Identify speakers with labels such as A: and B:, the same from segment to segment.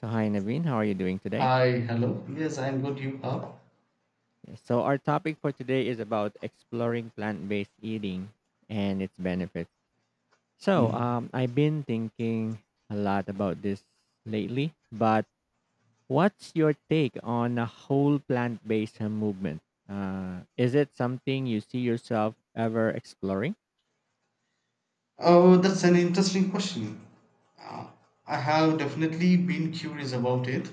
A: So, hi Naveen, how are you doing today?
B: Hi, hello. Yes, I'm good. You are?
A: So, our topic for today is about exploring plant based eating and its benefits.
B: Hmm.
A: I've been thinking a lot about this lately, but what's your take on a whole plant based movement? Is it something you see yourself ever exploring?
B: Oh, that's an interesting question. Uh, I have definitely been curious about it,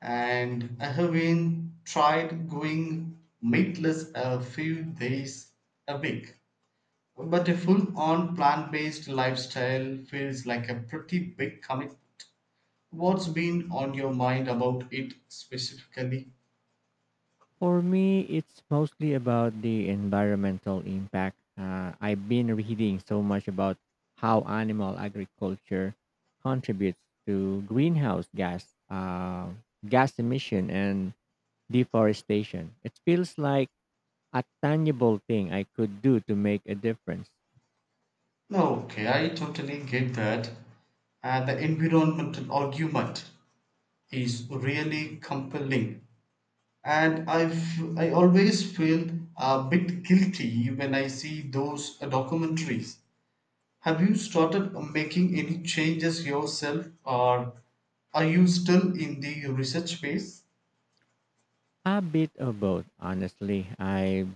B: and I have been tried going meatless a few days a week. But a full-on plant-based lifestyle feels like a pretty big commitment. What's been on your mind about it specifically?
A: For me, it's mostly about the environmental impact. I've been reading so much about how animal agriculture contributes to greenhouse gas emission and deforestation. It feels like a tangible thing I could do to make a difference.
B: No, okay, I totally get that. And the environmental argument is really compelling, and I always feel a bit guilty when I see those documentaries. Have you started making any changes yourself, or are you still in the research phase?
A: A bit of both, honestly. I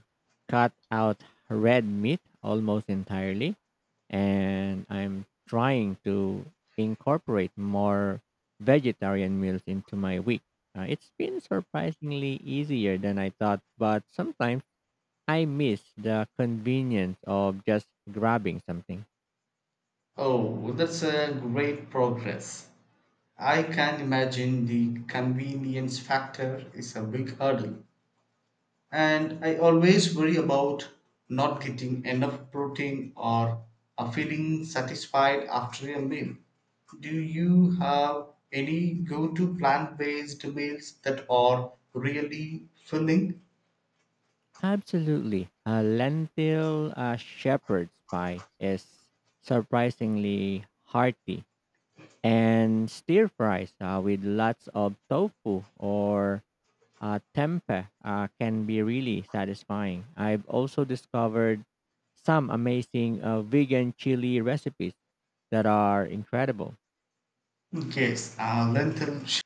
A: cut out red meat almost entirely, and I'm trying to incorporate more vegetarian meals into my week. It's been surprisingly easier than I thought, but sometimes I miss the convenience of just grabbing something.
B: Oh, that's a great progress. I can imagine the convenience factor is a big hurdle. And I always worry about not getting enough protein or feeling satisfied after a meal. Do you have any go to plant based meals that are really filling?
A: Absolutely. A lentil shepherd's pie is surprisingly hearty. And stir fries with lots of tofu or tempeh can be really satisfying. I've also discovered some amazing vegan chili recipes that are incredible.
B: Yes, lentil.